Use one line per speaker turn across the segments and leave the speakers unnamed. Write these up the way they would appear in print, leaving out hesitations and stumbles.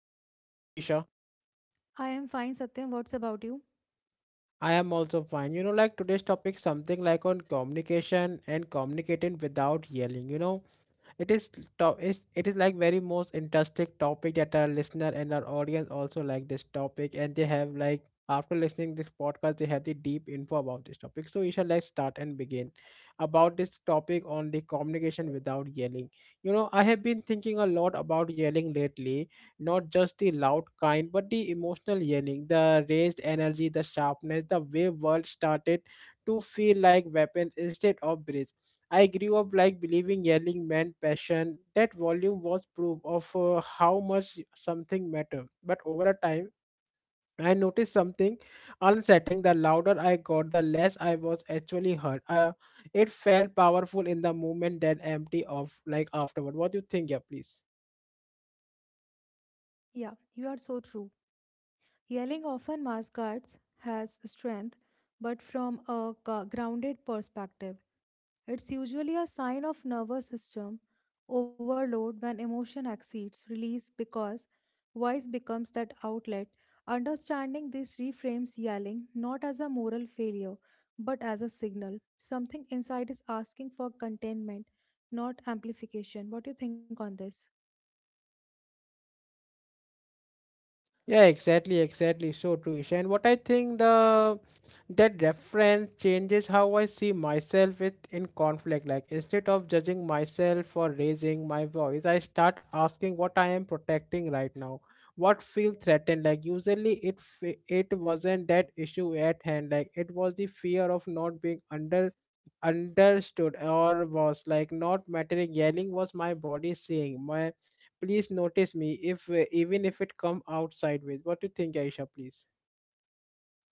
Isha. How you Isha?
I am fine, Satyam. What's about you?
I am also fine. You know like today's topic something like on communication and communicating without yelling, you know. It is it is like very most interesting topic that our listener and our audience also like this topic and they have like after listening this podcast they have the deep info about this topic. So Isha, let's start and begin about this topic on the communication without yelling. You know, I have been thinking a lot about yelling lately, not just the loud kind, but the emotional yelling, the raised energy, the sharpness, the way world started to feel like weapons instead of bridges. I grew up like believing yelling meant passion. That volume was proof of how much something mattered. But over a time, I noticed something unsettling. The louder I got, the less I was actually heard. It felt powerful in the moment, then empty of like afterward. What do you think? Yeah, please.
Yeah, you are so true. Yelling often masquerades has strength, but from a grounded perspective. It's usually a sign of nervous system overload when emotion exceeds release because voice becomes that outlet. Understanding this reframes yelling not as a moral failure, but as a signal. Something inside is asking for containment, not amplification. What do you think on this?
Yeah, exactly, exactly. so true, Isha. And what I think the that reference changes how I see myself with in conflict. Like instead of judging myself for raising my voice, I start asking what I am protecting right now. What feel threatened? Like usually it wasn't that issue at hand. Like it was the fear of not being understood or was like not mattering. Yelling was my body saying my please notice me if even if it come out sideways. What do you think, Aisha, please?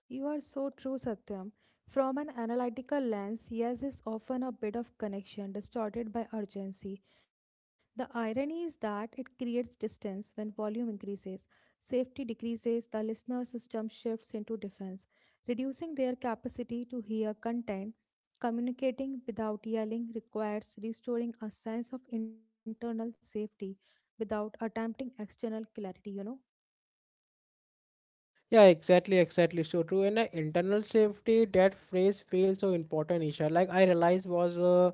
You are so true, Satyam. From an analytical lens, yes is often a bit of connection distorted by urgency. The irony is that it creates distance when volume increases, safety decreases, the listener system shifts into defense, reducing their capacity to hear content. Communicating without yelling requires restoring a sense of internal safety without attempting external clarity, you know.
Yeah, exactly, exactly, so true. And internal safety, that phrase feels so important, Isha. Like I realized was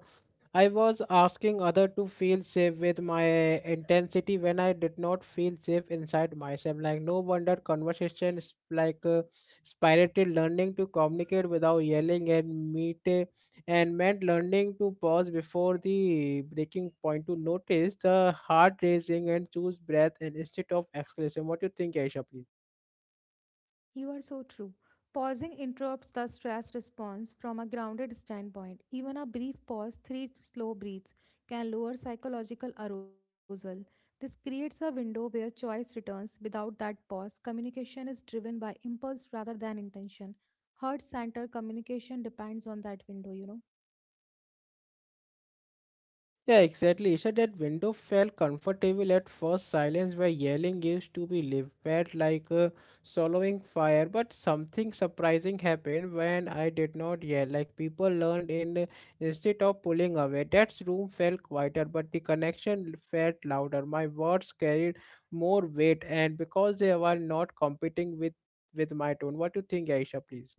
I was asking other to feel safe with my intensity when I did not feel safe inside myself. Like no wonder conversation is like spirited. Learning to communicate without yelling and meet and meant learning to pause before the breaking point, to notice the heart racing and choose breath and instead of exclamation. What do you think, Aisha? Please.
You are so true. Pausing interrupts the stress response from a grounded standpoint. Even a brief pause, three slow breaths, can lower psychological arousal. This creates a window where choice returns. Without that pause, communication is driven by impulse rather than intention. Heart center communication depends on that window, you know.
Yeah, exactly. So that window felt comfortable at first. Silence where yelling used to be lived, like swallowing fire. But something surprising happened when I did not yell. Like people learned in instead of pulling away. That room felt quieter, but the connection felt louder. My words carried more weight, and because they were not competing with my tone. What do you think, Aisha? Please.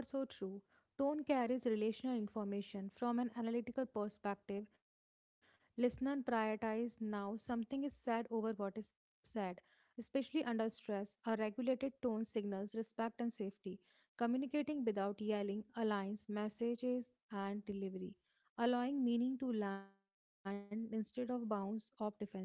You are so true. Tone carries relational information from an analytical perspective. Listener prioritize now something is said over what is said. Especially under stress, a regulated tone signals respect and safety. Communicating without yelling aligns messages and delivery, allowing meaning to land instead of bounce off defenses, you know.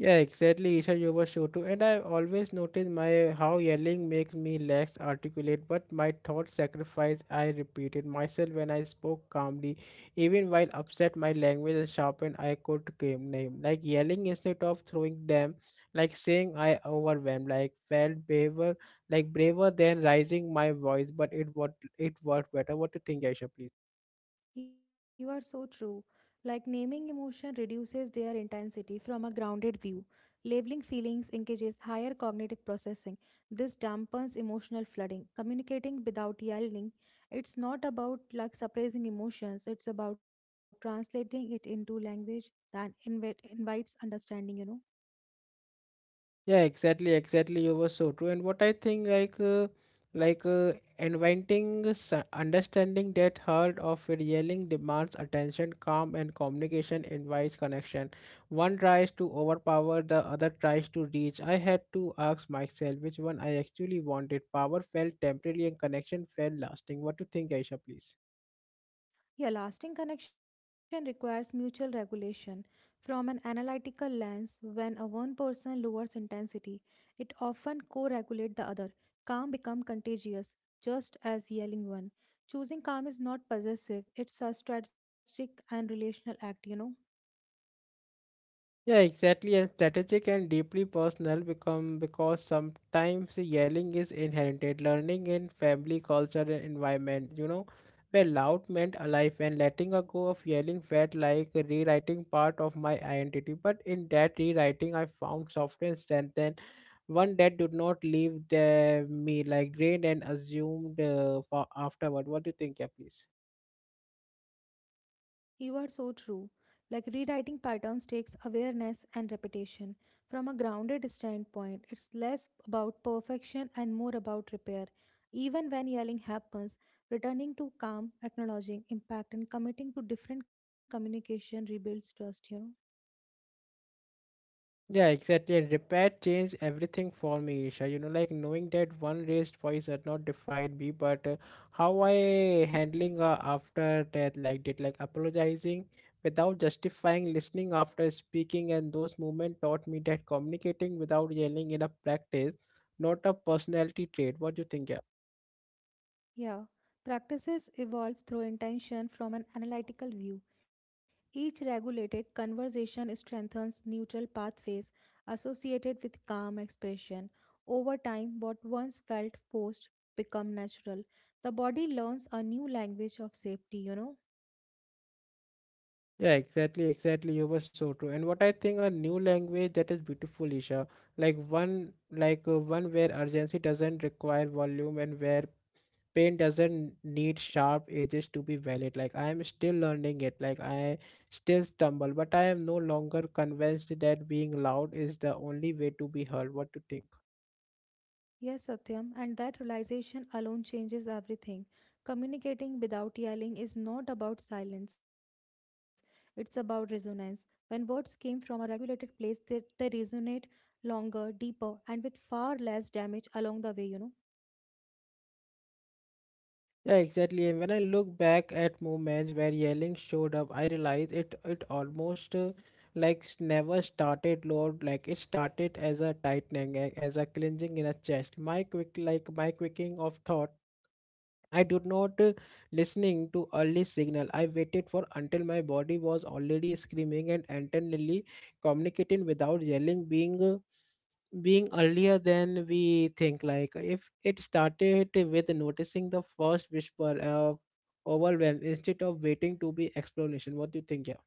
Yeah, exactly, Isha, you were sure to. And I always notice my how yelling makes me less articulate, but my thought sacrifice I repeated myself. When I spoke calmly, even while upset, my language and sharpened, I could came name. Like yelling instead of throwing them, like saying I overwhelmed, like felt braver like braver than raising my voice, but it what it worked better. What do you think, Aisha, please?
You are so true. Like naming emotion reduces their intensity from a grounded view. Labeling feelings engages higher cognitive processing. This dampens emotional flooding. Communicating without yelling, it's not about like suppressing emotions, it's about translating it into language that invites understanding, you know.
Yeah, exactly, exactly. you were so true. And what I think, like uh, inventing understanding that heart of yelling demands attention, calm, and communication invites connection. One tries to overpower, the other tries to reach. I had to ask myself which one I actually wanted. Power felt temporary, and connection felt lasting. What do you think, Aisha? Please.
Yeah, lasting connection requires mutual regulation. From an analytical lens, when a one person lowers intensity, it often co-regulates the other. Calm become contagious, just as yelling one. Choosing calm is not possessive, it's a strategic and relational act, you know.
Yeah, exactly. And strategic and deeply personal become, because sometimes yelling is inherited learning in family culture and environment, you know, where loud meant alive, and letting a go of yelling felt like rewriting part of my identity. But in that rewriting, I found softer and strength and one that did not leave the, me like drained and assumed for afterward. What do you think, yeah, please?
You are so true. Like rewriting patterns takes awareness and repetition. From a grounded standpoint, it's less about perfection and more about repair. Even when yelling happens, returning to calm, acknowledging impact, and committing to different communication rebuilds trust, you know.
Yeah, exactly. And repair changed everything for me, Isha. You know, like knowing that one raised voice had not defined me, but how I handling after death, like did like apologizing without justifying, listening after speaking, and those moments taught me that communicating without yelling in a practice, not a personality trait. What do you think? Yeah.
Yeah, practices evolve through intention from an analytical view. Each regulated conversation strengthens neutral pathways associated with calm expression. Over time, what once felt forced become natural. The body learns a new language of safety, you know.
Yeah, exactly, exactly. you were so true. And what I think a new language, that is beautiful, Isha. Like one like one where urgency doesn't require volume and where paint doesn't need sharp edges to be valid. Like I am still learning it, like I still stumble, but I am no longer convinced that being loud is the only way to be heard. What to think?
Yes, Satyam, and that realization alone changes everything. Communicating without yelling is not about silence, it's about resonance. When words came from a regulated place, they resonate longer, deeper, and with far less damage along the way, you know.
Yeah, exactly. And when I look back at moments where yelling showed up, I realize it almost never started loud. Like it started as a tightening as a clenching in a chest, my quick like my quicking of thought. I did not listening to early signal. I waited for until my body was already screaming and internally. Communicating without yelling being being earlier than we think. Like if it started with noticing the first whisper of overwhelm instead of waiting to be explanation. What do you think, yeah?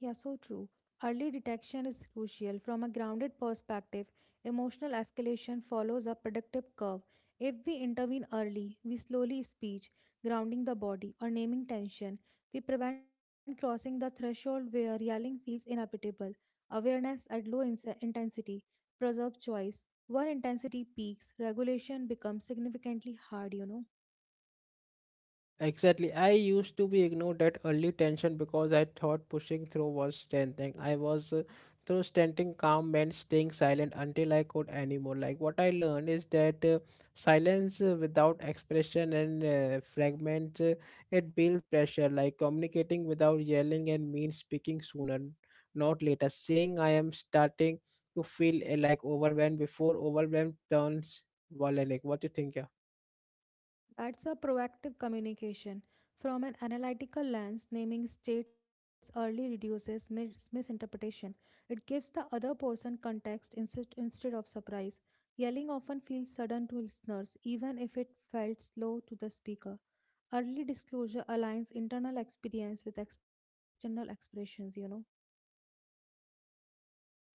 Yeah, so true. Early detection is crucial. From a grounded perspective, emotional escalation follows a predictive curve. If we intervene early, we slowly speech, grounding the body, or naming tension. We prevent crossing the threshold where yelling feels inevitable. Awareness at low intensity preserves choice. When intensity peaks, regulation becomes significantly hard, you know.
Exactly. I used to be ignored that early tension because I thought pushing through was strengthening. I was through standing calm meant staying silent until I could anymore. Like what I learned is that silence without expression and fragments, it builds pressure. Like communicating without yelling and means speaking sooner, not later. Saying I am starting to feel like overwhelmed before overwhelmed turns violent. Like, what do you think? Yeah.
That's a proactive communication. From an analytical lens, naming states early reduces misinterpretation. It gives the other person context instead of surprise. Yelling often feels sudden to listeners, even if it felt slow to the speaker. Early disclosure aligns internal experience with external expressions, you know.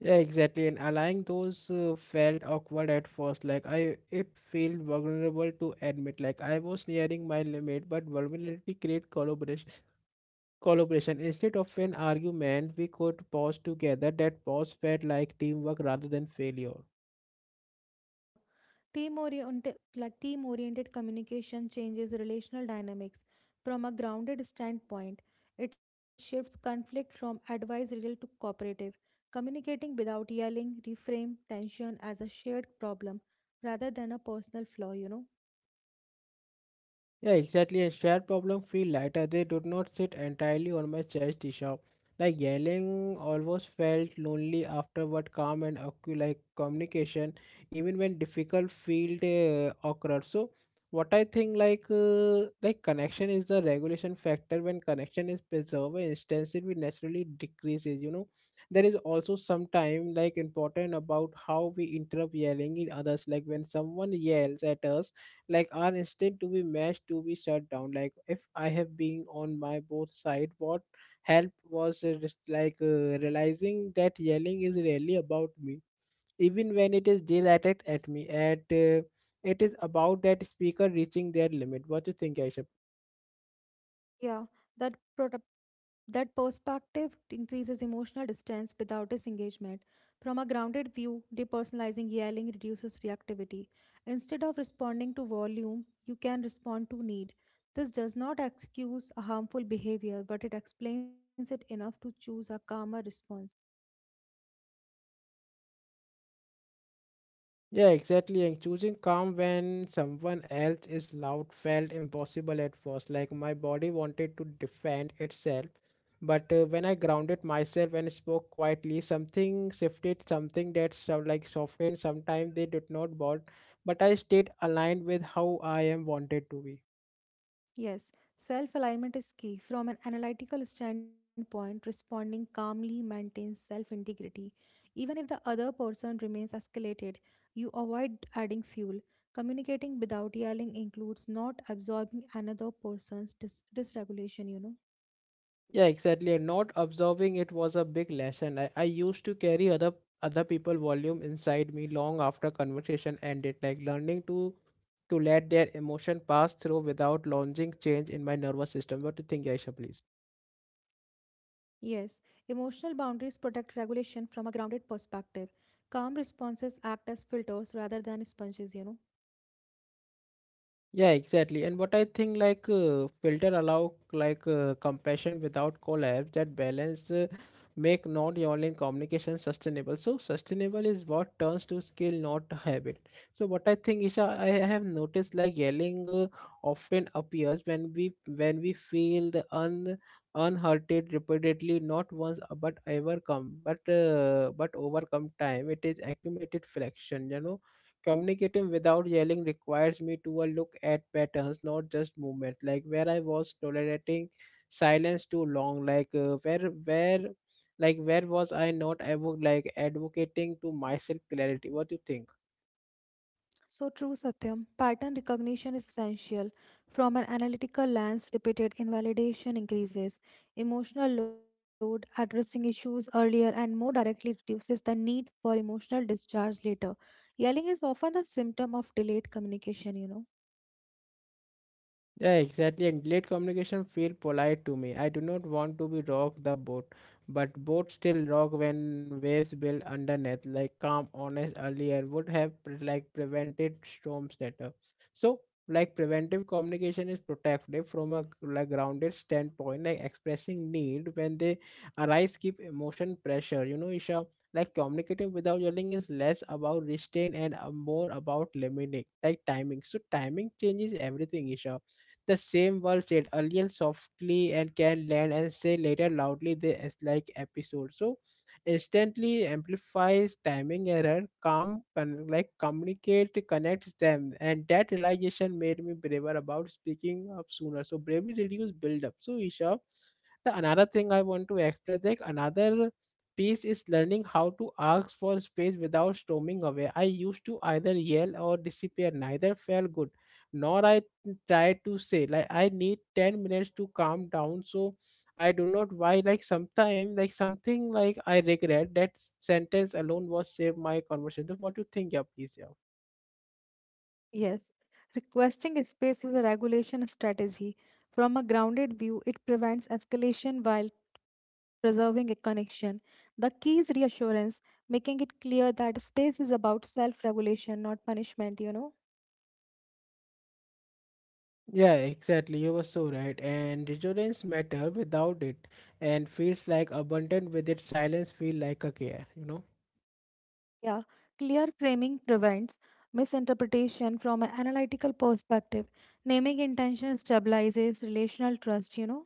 Yeah, exactly. And allowing those felt awkward at first. Like it felt vulnerable to admit. Like I was nearing my limit, but vulnerability create collaboration. Collaboration instead of an argument, we could pause together. That pause felt like teamwork rather than failure.
Yeah. Team oriented communication changes relational dynamics from a grounded standpoint. It shifts conflict from advisorial to cooperative. Communicating without yelling, reframe tension as a shared problem rather than a personal flaw, you know.
Yeah, exactly. And shared problem feel lighter. They do not sit entirely on my chest, Isha. Like yelling almost felt lonely afterward. Calm and like communication, even when difficult felt awkward. So what I think like connection is the regulation factor. When connection is preserved, instance it will naturally decreases. You know, there is also some time like important about how we interrupt yelling in others. Like when someone yells at us, like are instead to be matched to be shut down. Like if I have been on my both side, what help was just like realizing that yelling is really about me, even when it is directed at me at it is about that speaker reaching their limit. What do you think, Aisha?
Yeah, that prota- that perspective increases emotional distance without disengagement. From a grounded view, depersonalizing yelling reduces reactivity. Instead of responding to volume, you can respond to need. This does not excuse a harmful behavior, but it explains it enough to choose a calmer response.
Yeah, exactly. And choosing calm when someone else is loud felt impossible at first. Like my body wanted to defend itself. But when I grounded myself and spoke quietly, something shifted, something that so, like softened. Sometimes they did not bolt, but I stayed aligned with how I am wanted to be.
Yes, self alignment is key. From an analytical standpoint, responding calmly maintains self integrity. Even if the other person remains escalated, you avoid adding fuel. Communicating without yelling includes not absorbing another person's dysregulation, you know.
Yeah, exactly. And not observing it was a big lesson. I used to carry other people volume inside me long after conversation ended, like learning to let their emotion pass through without launching change in my nervous system. What do you think, Aisha, please?
Yes, emotional boundaries protect regulation from a grounded perspective. Calm responses act as filters rather than sponges, you know.
Yeah, exactly. And what I think like filter allow like compassion without collapse. That balance make not online communication sustainable. So sustainable is what turns to skill, not a habit. So what I think, Isha, I have noticed like yelling often appears when we feel the un unhurted repeatedly, not once but ever come, but overcome time. It is accumulated fraction, you know. Communicating without yelling requires me to look at patterns, not just movement. Like where I was tolerating silence too long, like where like where was I not like advocating to myself clarity? What do you think?
So true, Satyam. Pattern recognition is essential. From an analytical lens, repeated invalidation increases emotional load, addressing issues earlier and more directly reduces the need for emotional discharge later. Yelling is often the symptom of delayed communication, you know.
Yeah, exactly. And late communication feel polite to me. I do not want to be rock the boat, but boat still rock when waves build underneath. Like calm, honest earlier would have like prevented storms later. So like preventive communication is protective from a like grounded standpoint, like expressing need when they arise keep emotion pressure. You know, Isha, like communicating without yelling is less about restraint and more about limiting like timing. So timing changes everything, Isha. The same word said earlier softly and can land, and say later loudly they as like episode. So instantly amplifies timing error, calm like communicate connects them, and that realization made me braver about speaking up sooner. So bravery reduce build up. So Isha, the another thing I want to express like another piece is learning how to ask for space without storming away. I used to either yell or disappear. Neither felt good, nor I try to say like I need 10 minutes to calm down. So I do not why like sometime like something like I regret that sentence alone was save my conversation. What do you think, yeah, please? Yeah,
Yes, requesting a space is a regulation strategy. From a grounded view, it prevents escalation while preserving a connection. The key is reassurance, making it clear that space is about self regulation, not punishment, you know?
yeah, exactly. You were so right. And deterrence matter without it, and feels like abundant with it. Silence feel like a care.
Yeah, clear framing prevents misinterpretation from an analytical perspective. Naming intention stabilizes relational trust, you know?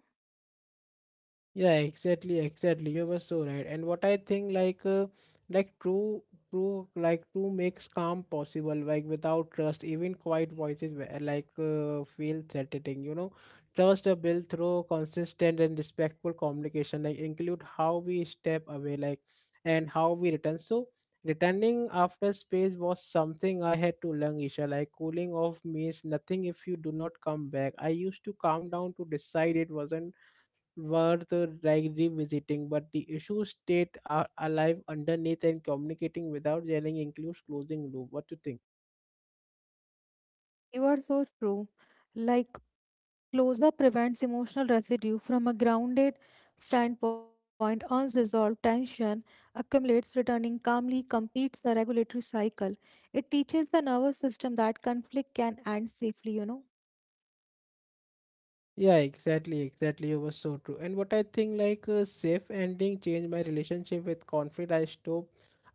Yeah, exactly, exactly. You were so right. And what I think, like true, like true makes calm possible. Like without trust, even quiet voices were, feel threatening. Trust are built through consistent and respectful communication. Like include how we step away, and how we return. So returning after space was something I had to learn, Isha. Like cooling off means nothing if you do not come back. I used to calm down to decide it wasn't were the like visiting, but the issue state are alive underneath and communicating without yelling includes closing loop. What do you think?
You are so true. Like, closure prevents emotional residue from a grounded standpoint. Unresolved tension accumulates, returning calmly completes the regulatory cycle. It teaches the nervous system that conflict can end safely, you know.
Yeah, exactly, exactly. You were so true. And what I think, like a safe ending changed my relationship with conflict. I stop,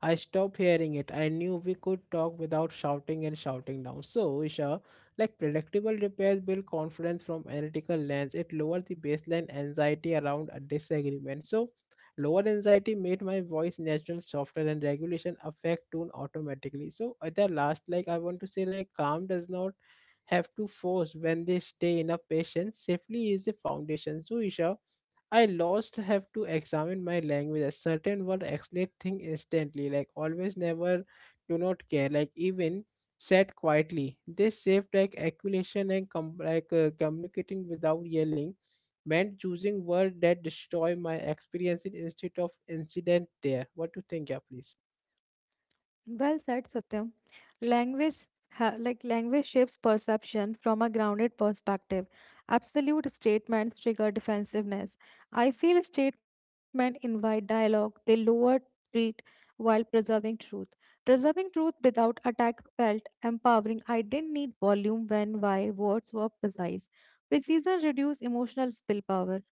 I stopped hearing it. I knew we could talk without shouting and shouting down. So, Isha, like predictable repairs build confidence from analytical lens. It lowered the baseline anxiety around a disagreement. So, lower anxiety made my voice natural, softer, and regulation affect tone automatically. So, at the last, like I want to say, like calm does not have to force when they stay in a patient safely is the foundation. So Isha, I lost have to examine my language. A certain word explain thing instantly. Like always never do not care. Like even said quietly. They saved like acculation and communicating without yelling meant choosing word that destroy my experiences instead of incident there. What do you think, yeah, please?
Well said, Satyam. Language, ha- like Language shapes perception from a grounded perspective. Absolute statements trigger defensiveness. I feel statements invite dialogue. They lower threat while preserving truth. Preserving truth without attack felt empowering. I didn't need volume when why words were precise. Precision reduces emotional spillpower.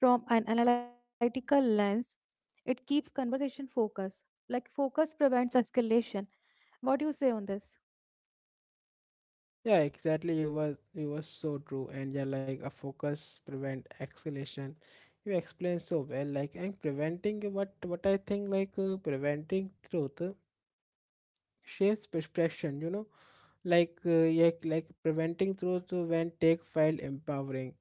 From an analytical lens, it keeps conversation focused. Like focus prevents escalation. What do you say on this?
Yeah, exactly. You were so true, and yeah, like a focus prevent escalation. You explained so well, like and preventing what I think, preventing truth shapes perception. Yeah, like preventing through to when take felt empowering.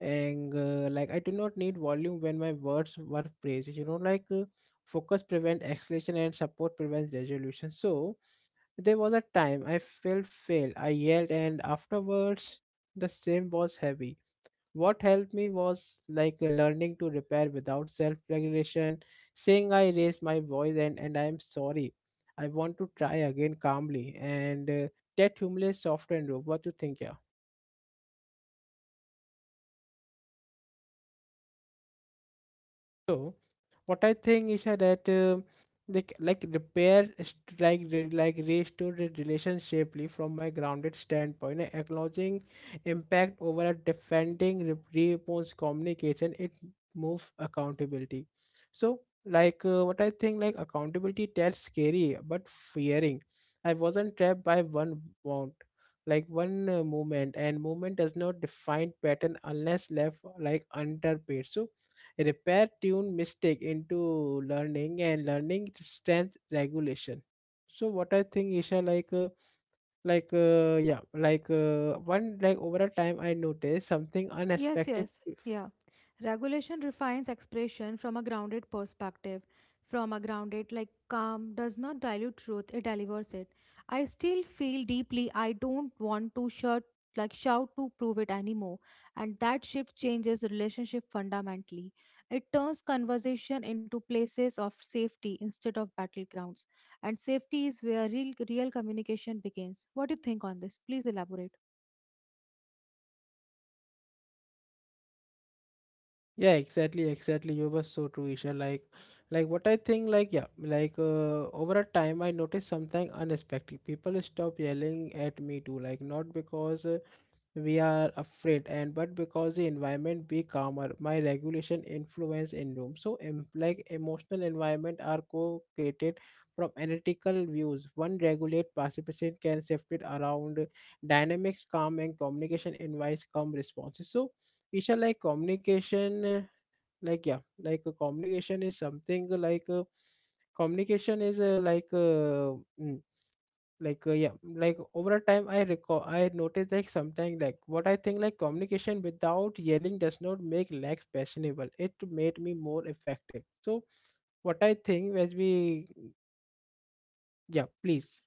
And uh, like I do not need volume when my words were phrases. Focus prevent escalation and support prevents resolution. So there was a time I felt fail I yelled and afterwards the same was heavy. What helped me was learning to repair without self regulation, saying I raised my voice and I am sorry. I want to try again calmly. And That humility softened rope. What do you think? Yeah. So, what I think is that they c- like repair st- like re- like restore the relationship from my grounded standpoint, acknowledging impact over a defending response communication. It move accountability. So, what I think, like accountability that's scary but fearing. I wasn't trapped by one want like one movement and movement does not define pattern unless left like underpaid. So repair tune mistake into learning and learning strength regulation. So what I think, Isha, like yeah like one like over a time I noticed something
Yes,
unexpected.
yes,
if-
Yeah. Regulation refines expression from a grounded perspective. From a grounded, like calm, does not dilute truth, it delivers it. I still feel deeply, I don't want to shout, to prove it anymore. And that shift changes relationship fundamentally. It turns conversation into places of safety instead of battlegrounds. And safety is where real communication begins. What do you think on this? Please elaborate.
yeah, exactly, exactly, you were so true, Isha. What I think, like, over a time I noticed something unexpected. People stop yelling at me too, like not because we are afraid, and but because the environment be calmer. My regulation influence in room. So emotional environment are co-created. From analytical views one regulate participation can shift it around. Dynamics calm and communication invites calm responses. So Isha, like communication like yeah like communication is something like communication is like mm, like yeah like over a time I recall I noticed like something, like what I think, like communication without yelling does not make lacks passionable. It made me more effective. So what I think, as we, yeah, please.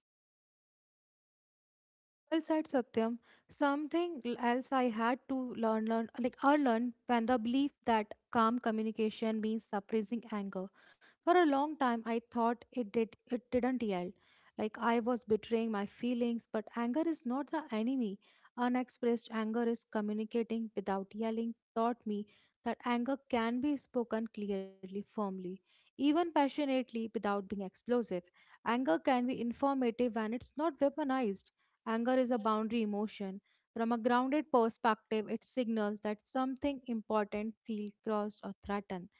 Well said, Satyam. Something else I had to learn, learn like or learn when the belief that calm communication means suppressing anger. For a long time, I thought it didn't yell, like I was betraying my feelings. But anger is not the enemy. Unexpressed anger is communicating without yelling. Taught me that anger can be spoken clearly, firmly, even passionately, without being explosive. Anger can be informative when it's not weaponized. Anger is a boundary emotion. From a grounded perspective, it signals that something important feels crossed or threatened.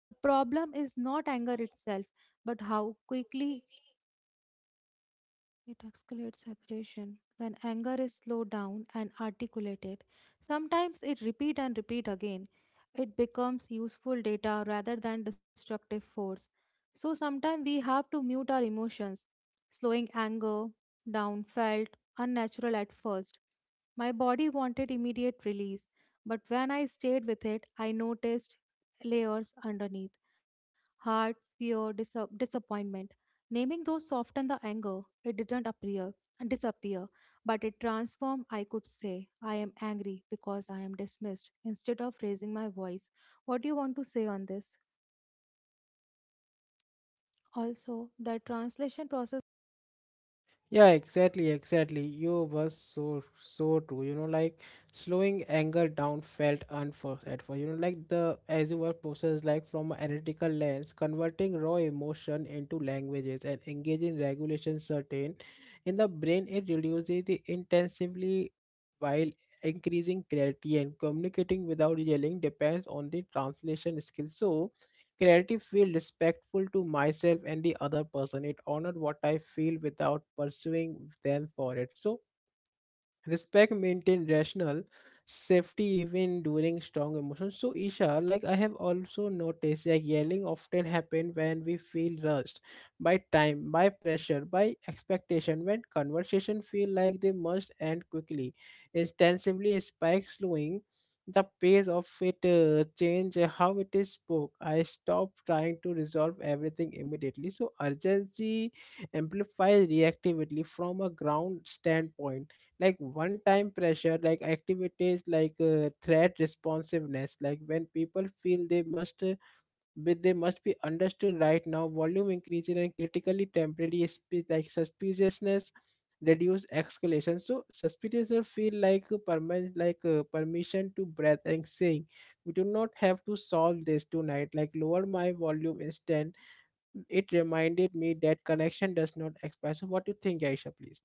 The problem is not anger itself, but how quickly it escalates aggression. When anger is slowed down and articulated, sometimes it repeat and repeat again. It becomes useful data rather than destructive force. So sometimes we have to mute our emotions, slowing anger down felt unnatural at first. My body wanted immediate release, but when I stayed with it, I noticed layers underneath heart, fear, disappointment. Naming those softened the anger. It didn't appear and disappear, but it transformed. I could say, I am angry because I am dismissed instead of raising my voice. What do you want to say on this? Also, the translation process.
Yeah, exactly, exactly. You was so so true. You know, like slowing anger down felt unforced at first. You know, like the as you were processed like from an analytical lens, converting raw emotion into languages and engaging regulation certain in the brain, it reduces the intensively while increasing clarity, and communicating without yelling depends on the translation skill. So clarity feel respectful to myself and the other person. It honored what I feel without pursuing them for it. So respect maintain rational safety even during strong emotions. So Isha, like I have also noticed that yelling often happen when we feel rushed by time, by pressure, by expectation. When conversation feel like they must end quickly, extensively spike. Slowing the pace of it change how it is spoke. I stop trying to resolve everything immediately. So urgency amplifies reactivity from a ground standpoint. Like one time pressure like activities like threat responsiveness, like when people feel they must be they must be understood right now, volume increases, and critically temporary suspiciousness reduce escalation. So suspiciousness feel like a permanent permission to breath, and saying we do not have to solve this tonight like lower my volume instead. It reminded me that connection does not expire. So what do you think, Aisha, please?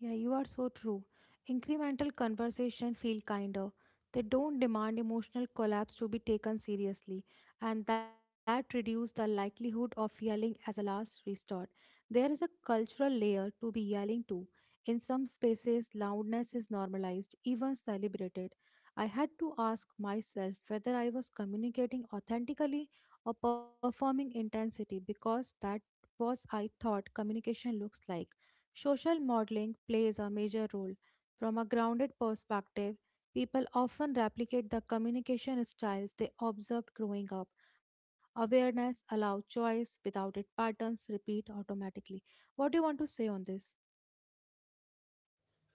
Yeah, you are so true. Incremental conversation feel kinder. They don't demand emotional collapse to be taken seriously, and that reduce the likelihood of yelling as a last resort. There is a cultural layer to be yelling to. In some spaces, loudness is normalized, even celebrated. I had to ask myself whether I was communicating authentically or performing intensity because that was I thought communication looks like. Social modeling plays a major role. From a grounded perspective, people often replicate the communication styles they observed growing up. Awareness allows choice, without it, patterns repeat automatically. What do you want to say on this?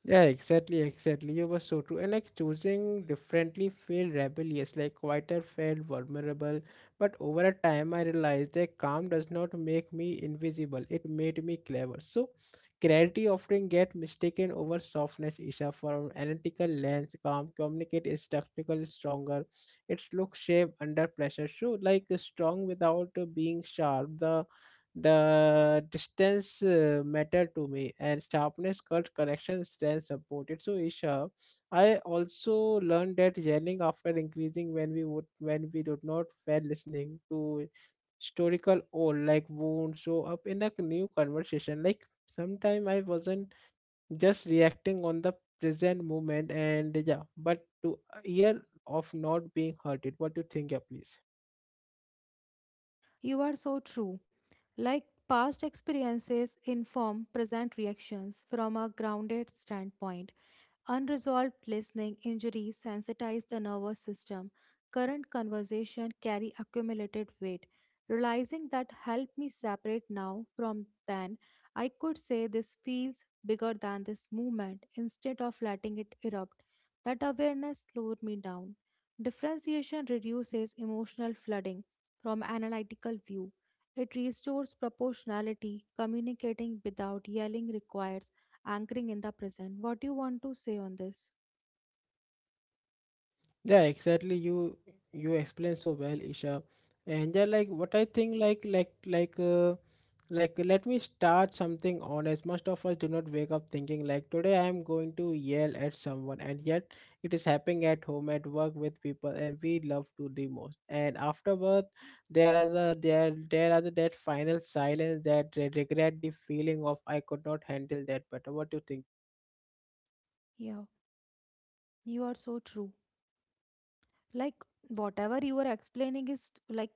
Yeah, exactly, exactly. You were so true. And like choosing differently felt rebellious, like quieter felt vulnerable. But over a time, I realized that calm does not make me invisible. It made me clever. So clarity often get mistaken over softness, Isha, from analytical lens. Calm communicate is structural, stronger. Its look shape under pressure. So like strong without being sharp. The distance matter to me, and sharpness cut connection stands supported. So Isha, I also learned that yelling after increasing when we did not were listening to historical old like wounds show up in a new conversation. Like sometime I wasn't just reacting on the present moment, and yeah, but to a year of not being hurted. What do you think, yeah, please?
You are so true. Like past experiences inform present reactions from a grounded standpoint. Unresolved listening injuries sensitize the nervous system. Current conversation carry accumulated weight. Realizing that help me separate now from then, I could say this feels bigger than this movement instead of letting it erupt. That awareness slowed me down. Differentiation reduces emotional flooding from analytical view. It restores proportionality. Communicating without yelling requires anchoring in the present. What do you want to say on this?
Yeah, exactly. You explain so well, Isha. And yeah, like what I think, like let me start something honest. Most of us do not wake up thinking like today I am going to yell at someone, and yet it is happening at home, at work, with people, and we love to the most. And afterward, there are that final silence, that regret, the feeling of I could not handle that better. What do you think?
Yeah, you are so true. Like whatever you are explaining is like,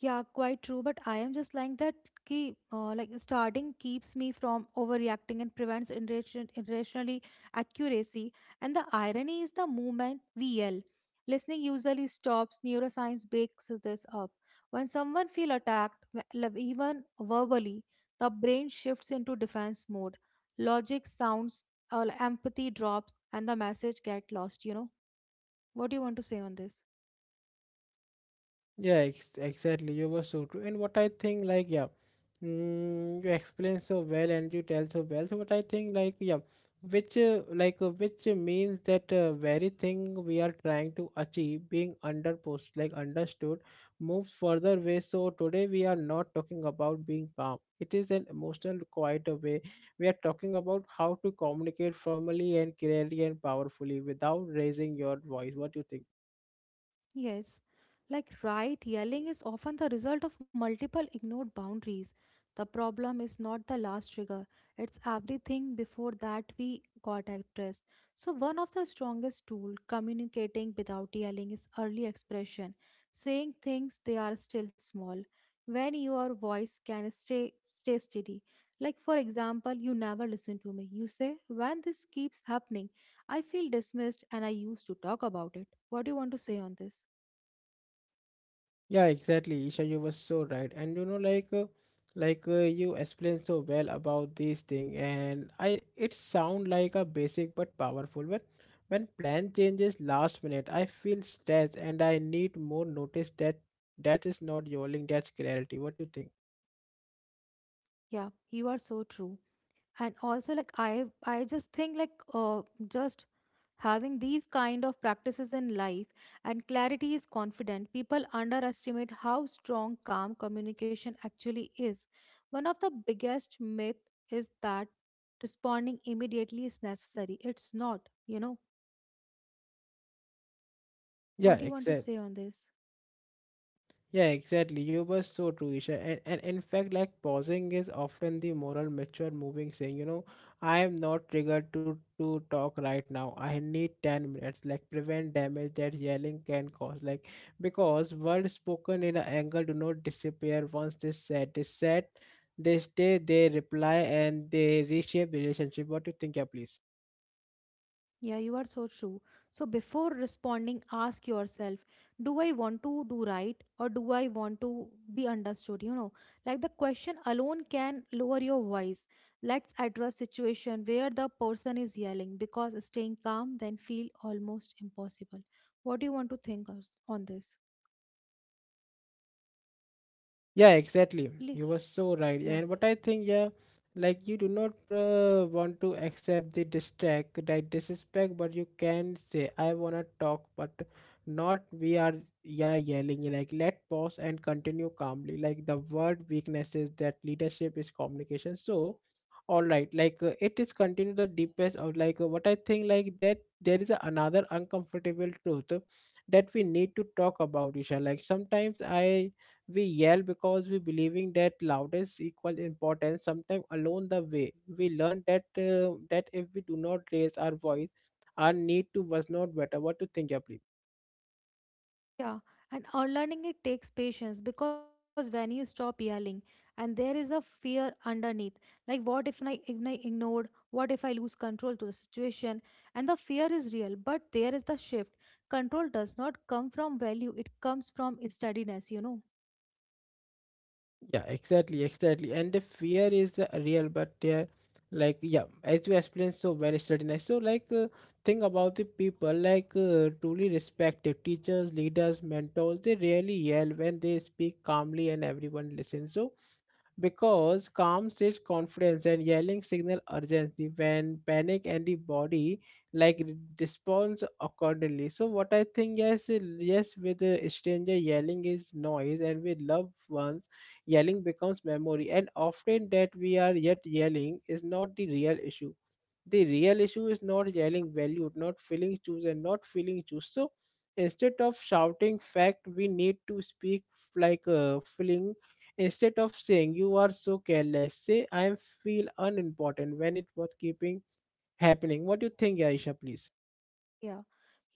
yeah, quite true. But I am just like that. Ki, like starting keeps me from overreacting and prevents irrationally accuracy. And the irony is the movement VL. Listening usually stops. Neuroscience bakes this up. When someone feel attacked, even verbally, the brain shifts into defense mode. Logic sounds, empathy drops, and the message get lost. You know what do you want to say on this?
Yeah, exactly. You were so true. And what I think, like, yeah, mm, you explain so well and you tell so well. So what I think, like, which means that very thing we are trying to achieve being under post, like, understood, move further way. So today we are not talking about being calm. It is an emotional, quiet way. We are talking about how to communicate formally and clearly and powerfully without raising your voice. What do you think?
Yes, like right yelling is often the result of multiple ignored boundaries. The problem is not the last trigger, it's everything before that we got addressed. So, one of the strongest tool communicating without yelling is early expression, saying things they are still small. When your voice can stay steady. Like for example, you never listen to me. You say, when this keeps happening, I feel dismissed and I used to talk about it. What do you want to say on this?
Yeah, exactly, Isha. You were so right, and you know, you explained so well about these thing, and I it sound like a basic but powerful. When plan changes last minute, I feel stressed, and I need more notice. That is not yelling. That's clarity. What do you think?
Yeah, you are so true. And also like I just think like just having these kind of practices in life and clarity is confident, people underestimate how strong calm communication actually is. One of the biggest myth is that responding immediately is necessary. It's not, you know.
Yeah,
What do you want to
exactly.
say on this?
Yeah, exactly. You were so true, Isha. And in fact, like pausing is often the moral mature moving saying, you know, I am not triggered to talk right now. I need 10 minutes, like prevent damage that yelling can cause. Like because words spoken in anger do not disappear once they said. They said, they stay, they reply, and they reshape the relationship. What do you think, yeah, please?
Yeah, you are so true. So before responding, ask yourself, do I want to do right or do I want to be understood? You know, like the question alone can lower your voice. Let's address situation where the person is yelling because staying calm then feel almost impossible. What do you want to on this?
Yeah, exactly.
Please.
You were so right.
Yeah.
And what I think, yeah, like you do not want to accept the distract, right? Disrespect, but you can say, I wanna talk, but not we are yeah yelling. Like let pause and continue calmly. Like the word weakness is that leadership is communication. So, all right, it is continue the deepest of what I think, like that there is another uncomfortable truth that we need to talk about, Isha. Like sometimes I we yell because we believing that loudest equals importance. Sometimes along the way we learn that that if we do not raise our voice our need to was not better. What to think, yeah, please?
Yeah, and unlearning it takes patience because when you stop yelling, and there is a fear underneath, like what if I ignored, what if I lose control to the situation, and the fear is real. But there is the shift. Control does not come from value; it comes from steadiness. You know.
Yeah, exactly, exactly. And the fear is real, but like yeah, as you explained so very certainly. So think about the people, truly respected teachers, leaders, mentors. They rarely yell. When they speak calmly and everyone listens, so because calm sits confidence and yelling signal urgency when panic and the body responds accordingly. So what I think, yes, yes, with a stranger yelling is noise, and with loved ones yelling becomes memory, and often that we are yet yelling is not the real issue. The real issue is not yelling valued, not feeling chosen, not feeling choose. So instead of shouting fact, we need to speak feeling. Instead of saying you are so careless, say I feel unimportant when it was keeping happening. What do you think, Aisha, please?
Yeah,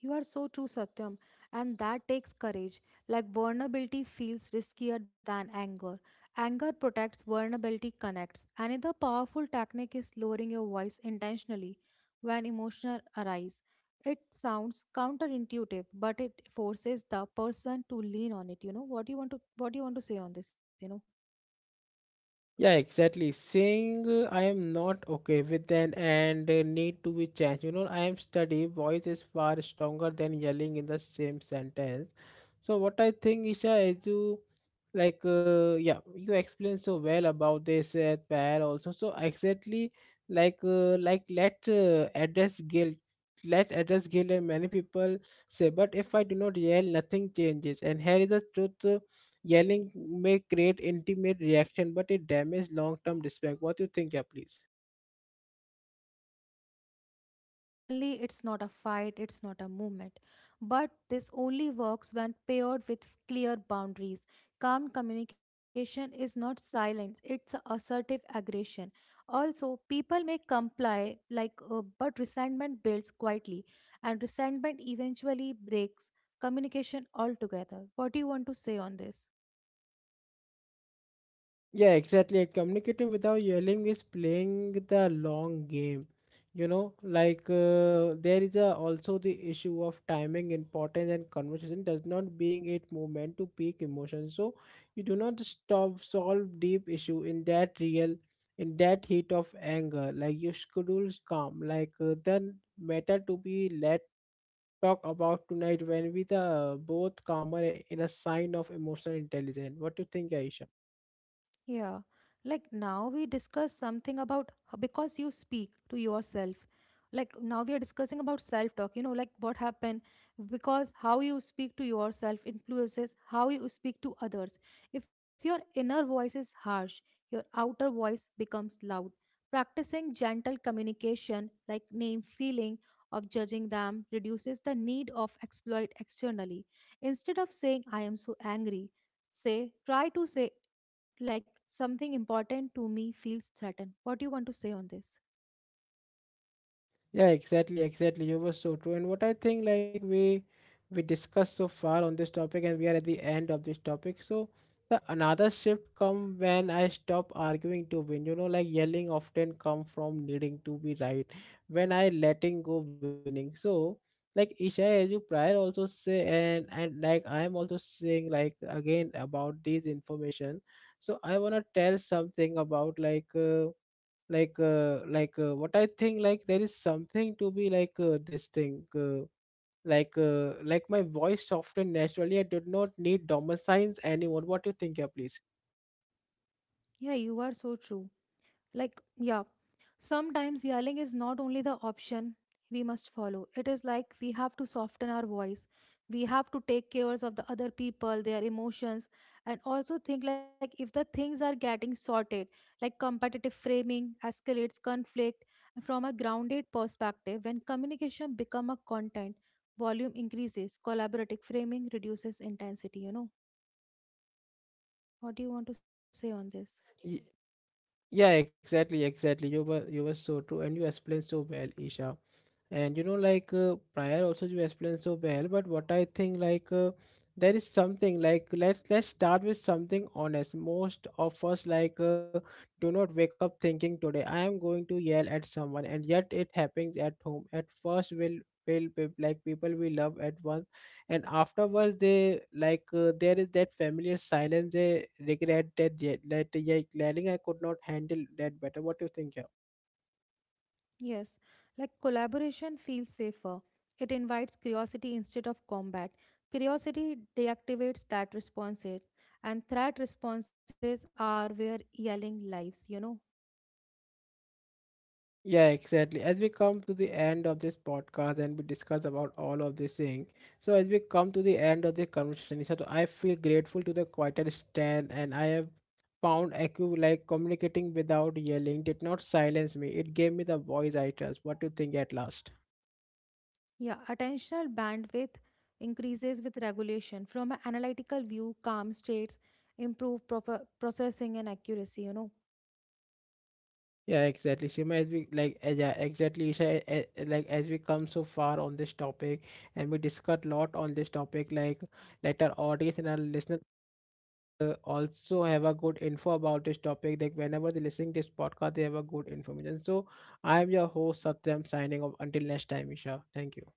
you are so true, Satyam. And that takes courage. Like vulnerability feels riskier than anger. Anger protects, vulnerability connects. Another powerful technique is lowering your voice intentionally when emotional arise. It sounds counterintuitive, but it forces the person to lean on it. You know, what do you want to say on this, you know?
Yeah, exactly. Saying I am not okay with them, and need to be changed. You know, I am study voice is far stronger than yelling in the same sentence. So what I think, Isha, is you yeah, you explain so well about this pair also. So exactly like let address guilt. Let address guilt. And many people say, but if I do not yell, nothing changes. And here is the truth. Yelling may create intimate reaction, but it damages long-term respect. What you think, yeah, please?
Suddenly, it's not a fight, it's not a movement. But this only works when paired with clear boundaries. Calm communication is not silence, it's assertive aggression. Also, people may comply, but resentment builds quietly, and resentment eventually breaks communication altogether. What do you want to say on this?
Yeah, exactly. Like, communicating without yelling is playing the long game. You know, there is a, also the issue of timing, importance, and conversation does not being it moment to peak emotion. So you do not stop solve deep issue in that real, in that heat of anger. Like you schedule calm, then matter to be let talk about tonight when we the both calmer in a sign of emotional intelligence. What do you think, Aisha?
Yeah, like now we discuss something about because you speak to yourself. Like now we are discussing about self-talk, you know, like what happened because how you speak to yourself influences how you speak to others. If your inner voice is harsh, your outer voice becomes loud. Practicing gentle communication, like name feeling of judging them, reduces the need of exploit externally. Instead of saying, I am so angry, say try to say like something important to me feels threatened. What do you want to say on this?
Yeah, exactly, exactly. You were so true. And what I think, like we discussed so far on this topic, and we are at the end of this topic. So the another shift come when I stop arguing to win. You know, like yelling often come from needing to be right. When I letting go winning. So like Isha, as you prior also say, and like I am also saying like again about this information. So I wanna tell something about like. What I think, like there is something to be this thing like my voice softened naturally. I did not need domicines anymore. What do you think, yeah, please?
Yeah, you are so true. Like, yeah, sometimes yelling is not only the option we must follow. It is like we have to soften our voice. We have to take cares of the other people, their emotions, and also think like if the things are getting sorted, like competitive framing escalates conflict. And from a grounded perspective, when communication become a content, volume increases, collaborative framing reduces intensity. You know, what do you want to say on this?
Yeah, exactly, exactly. You were so true, and you explained so well, Isha. And you know, prior also you explained so well. But what I think, there is something like let's start with something honest. Most of us do not wake up thinking today I am going to yell at someone, and yet it happens at home. At first, like people we love at once, and afterwards they there is that familiar silence. They regret that ye- that yeah, yelling. I could not handle that better. What do you think, yeah?
Yes, like collaboration feels safer. It invites curiosity instead of combat. Curiosity deactivates that responses, and threat responses are where yelling lives, you know.
Yeah, exactly, as we come to the end of this podcast and we discuss about all of this thing, so as we come to the end of the conversation, so I feel grateful to the quieter stand, and I have found echo. Like communicating without yelling did not silence me, it gave me the voice I trust. What do you think at last?
Yeah, attentional bandwidth increases with regulation. From an analytical view, calm states improve proper processing and accuracy, you know.
Yeah, exactly. Sima, as we like, as, yeah, exactly, Isha, like as we come so far on this topic, and we discuss a lot on this topic, like let our audience and our listeners also have a good info about this topic. Like whenever they listening this podcast, they have a good information. So, I am your host Satyam, signing off. Until next time, Isha. Thank you.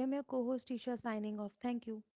I am your co host, Isha, signing off. Thank you.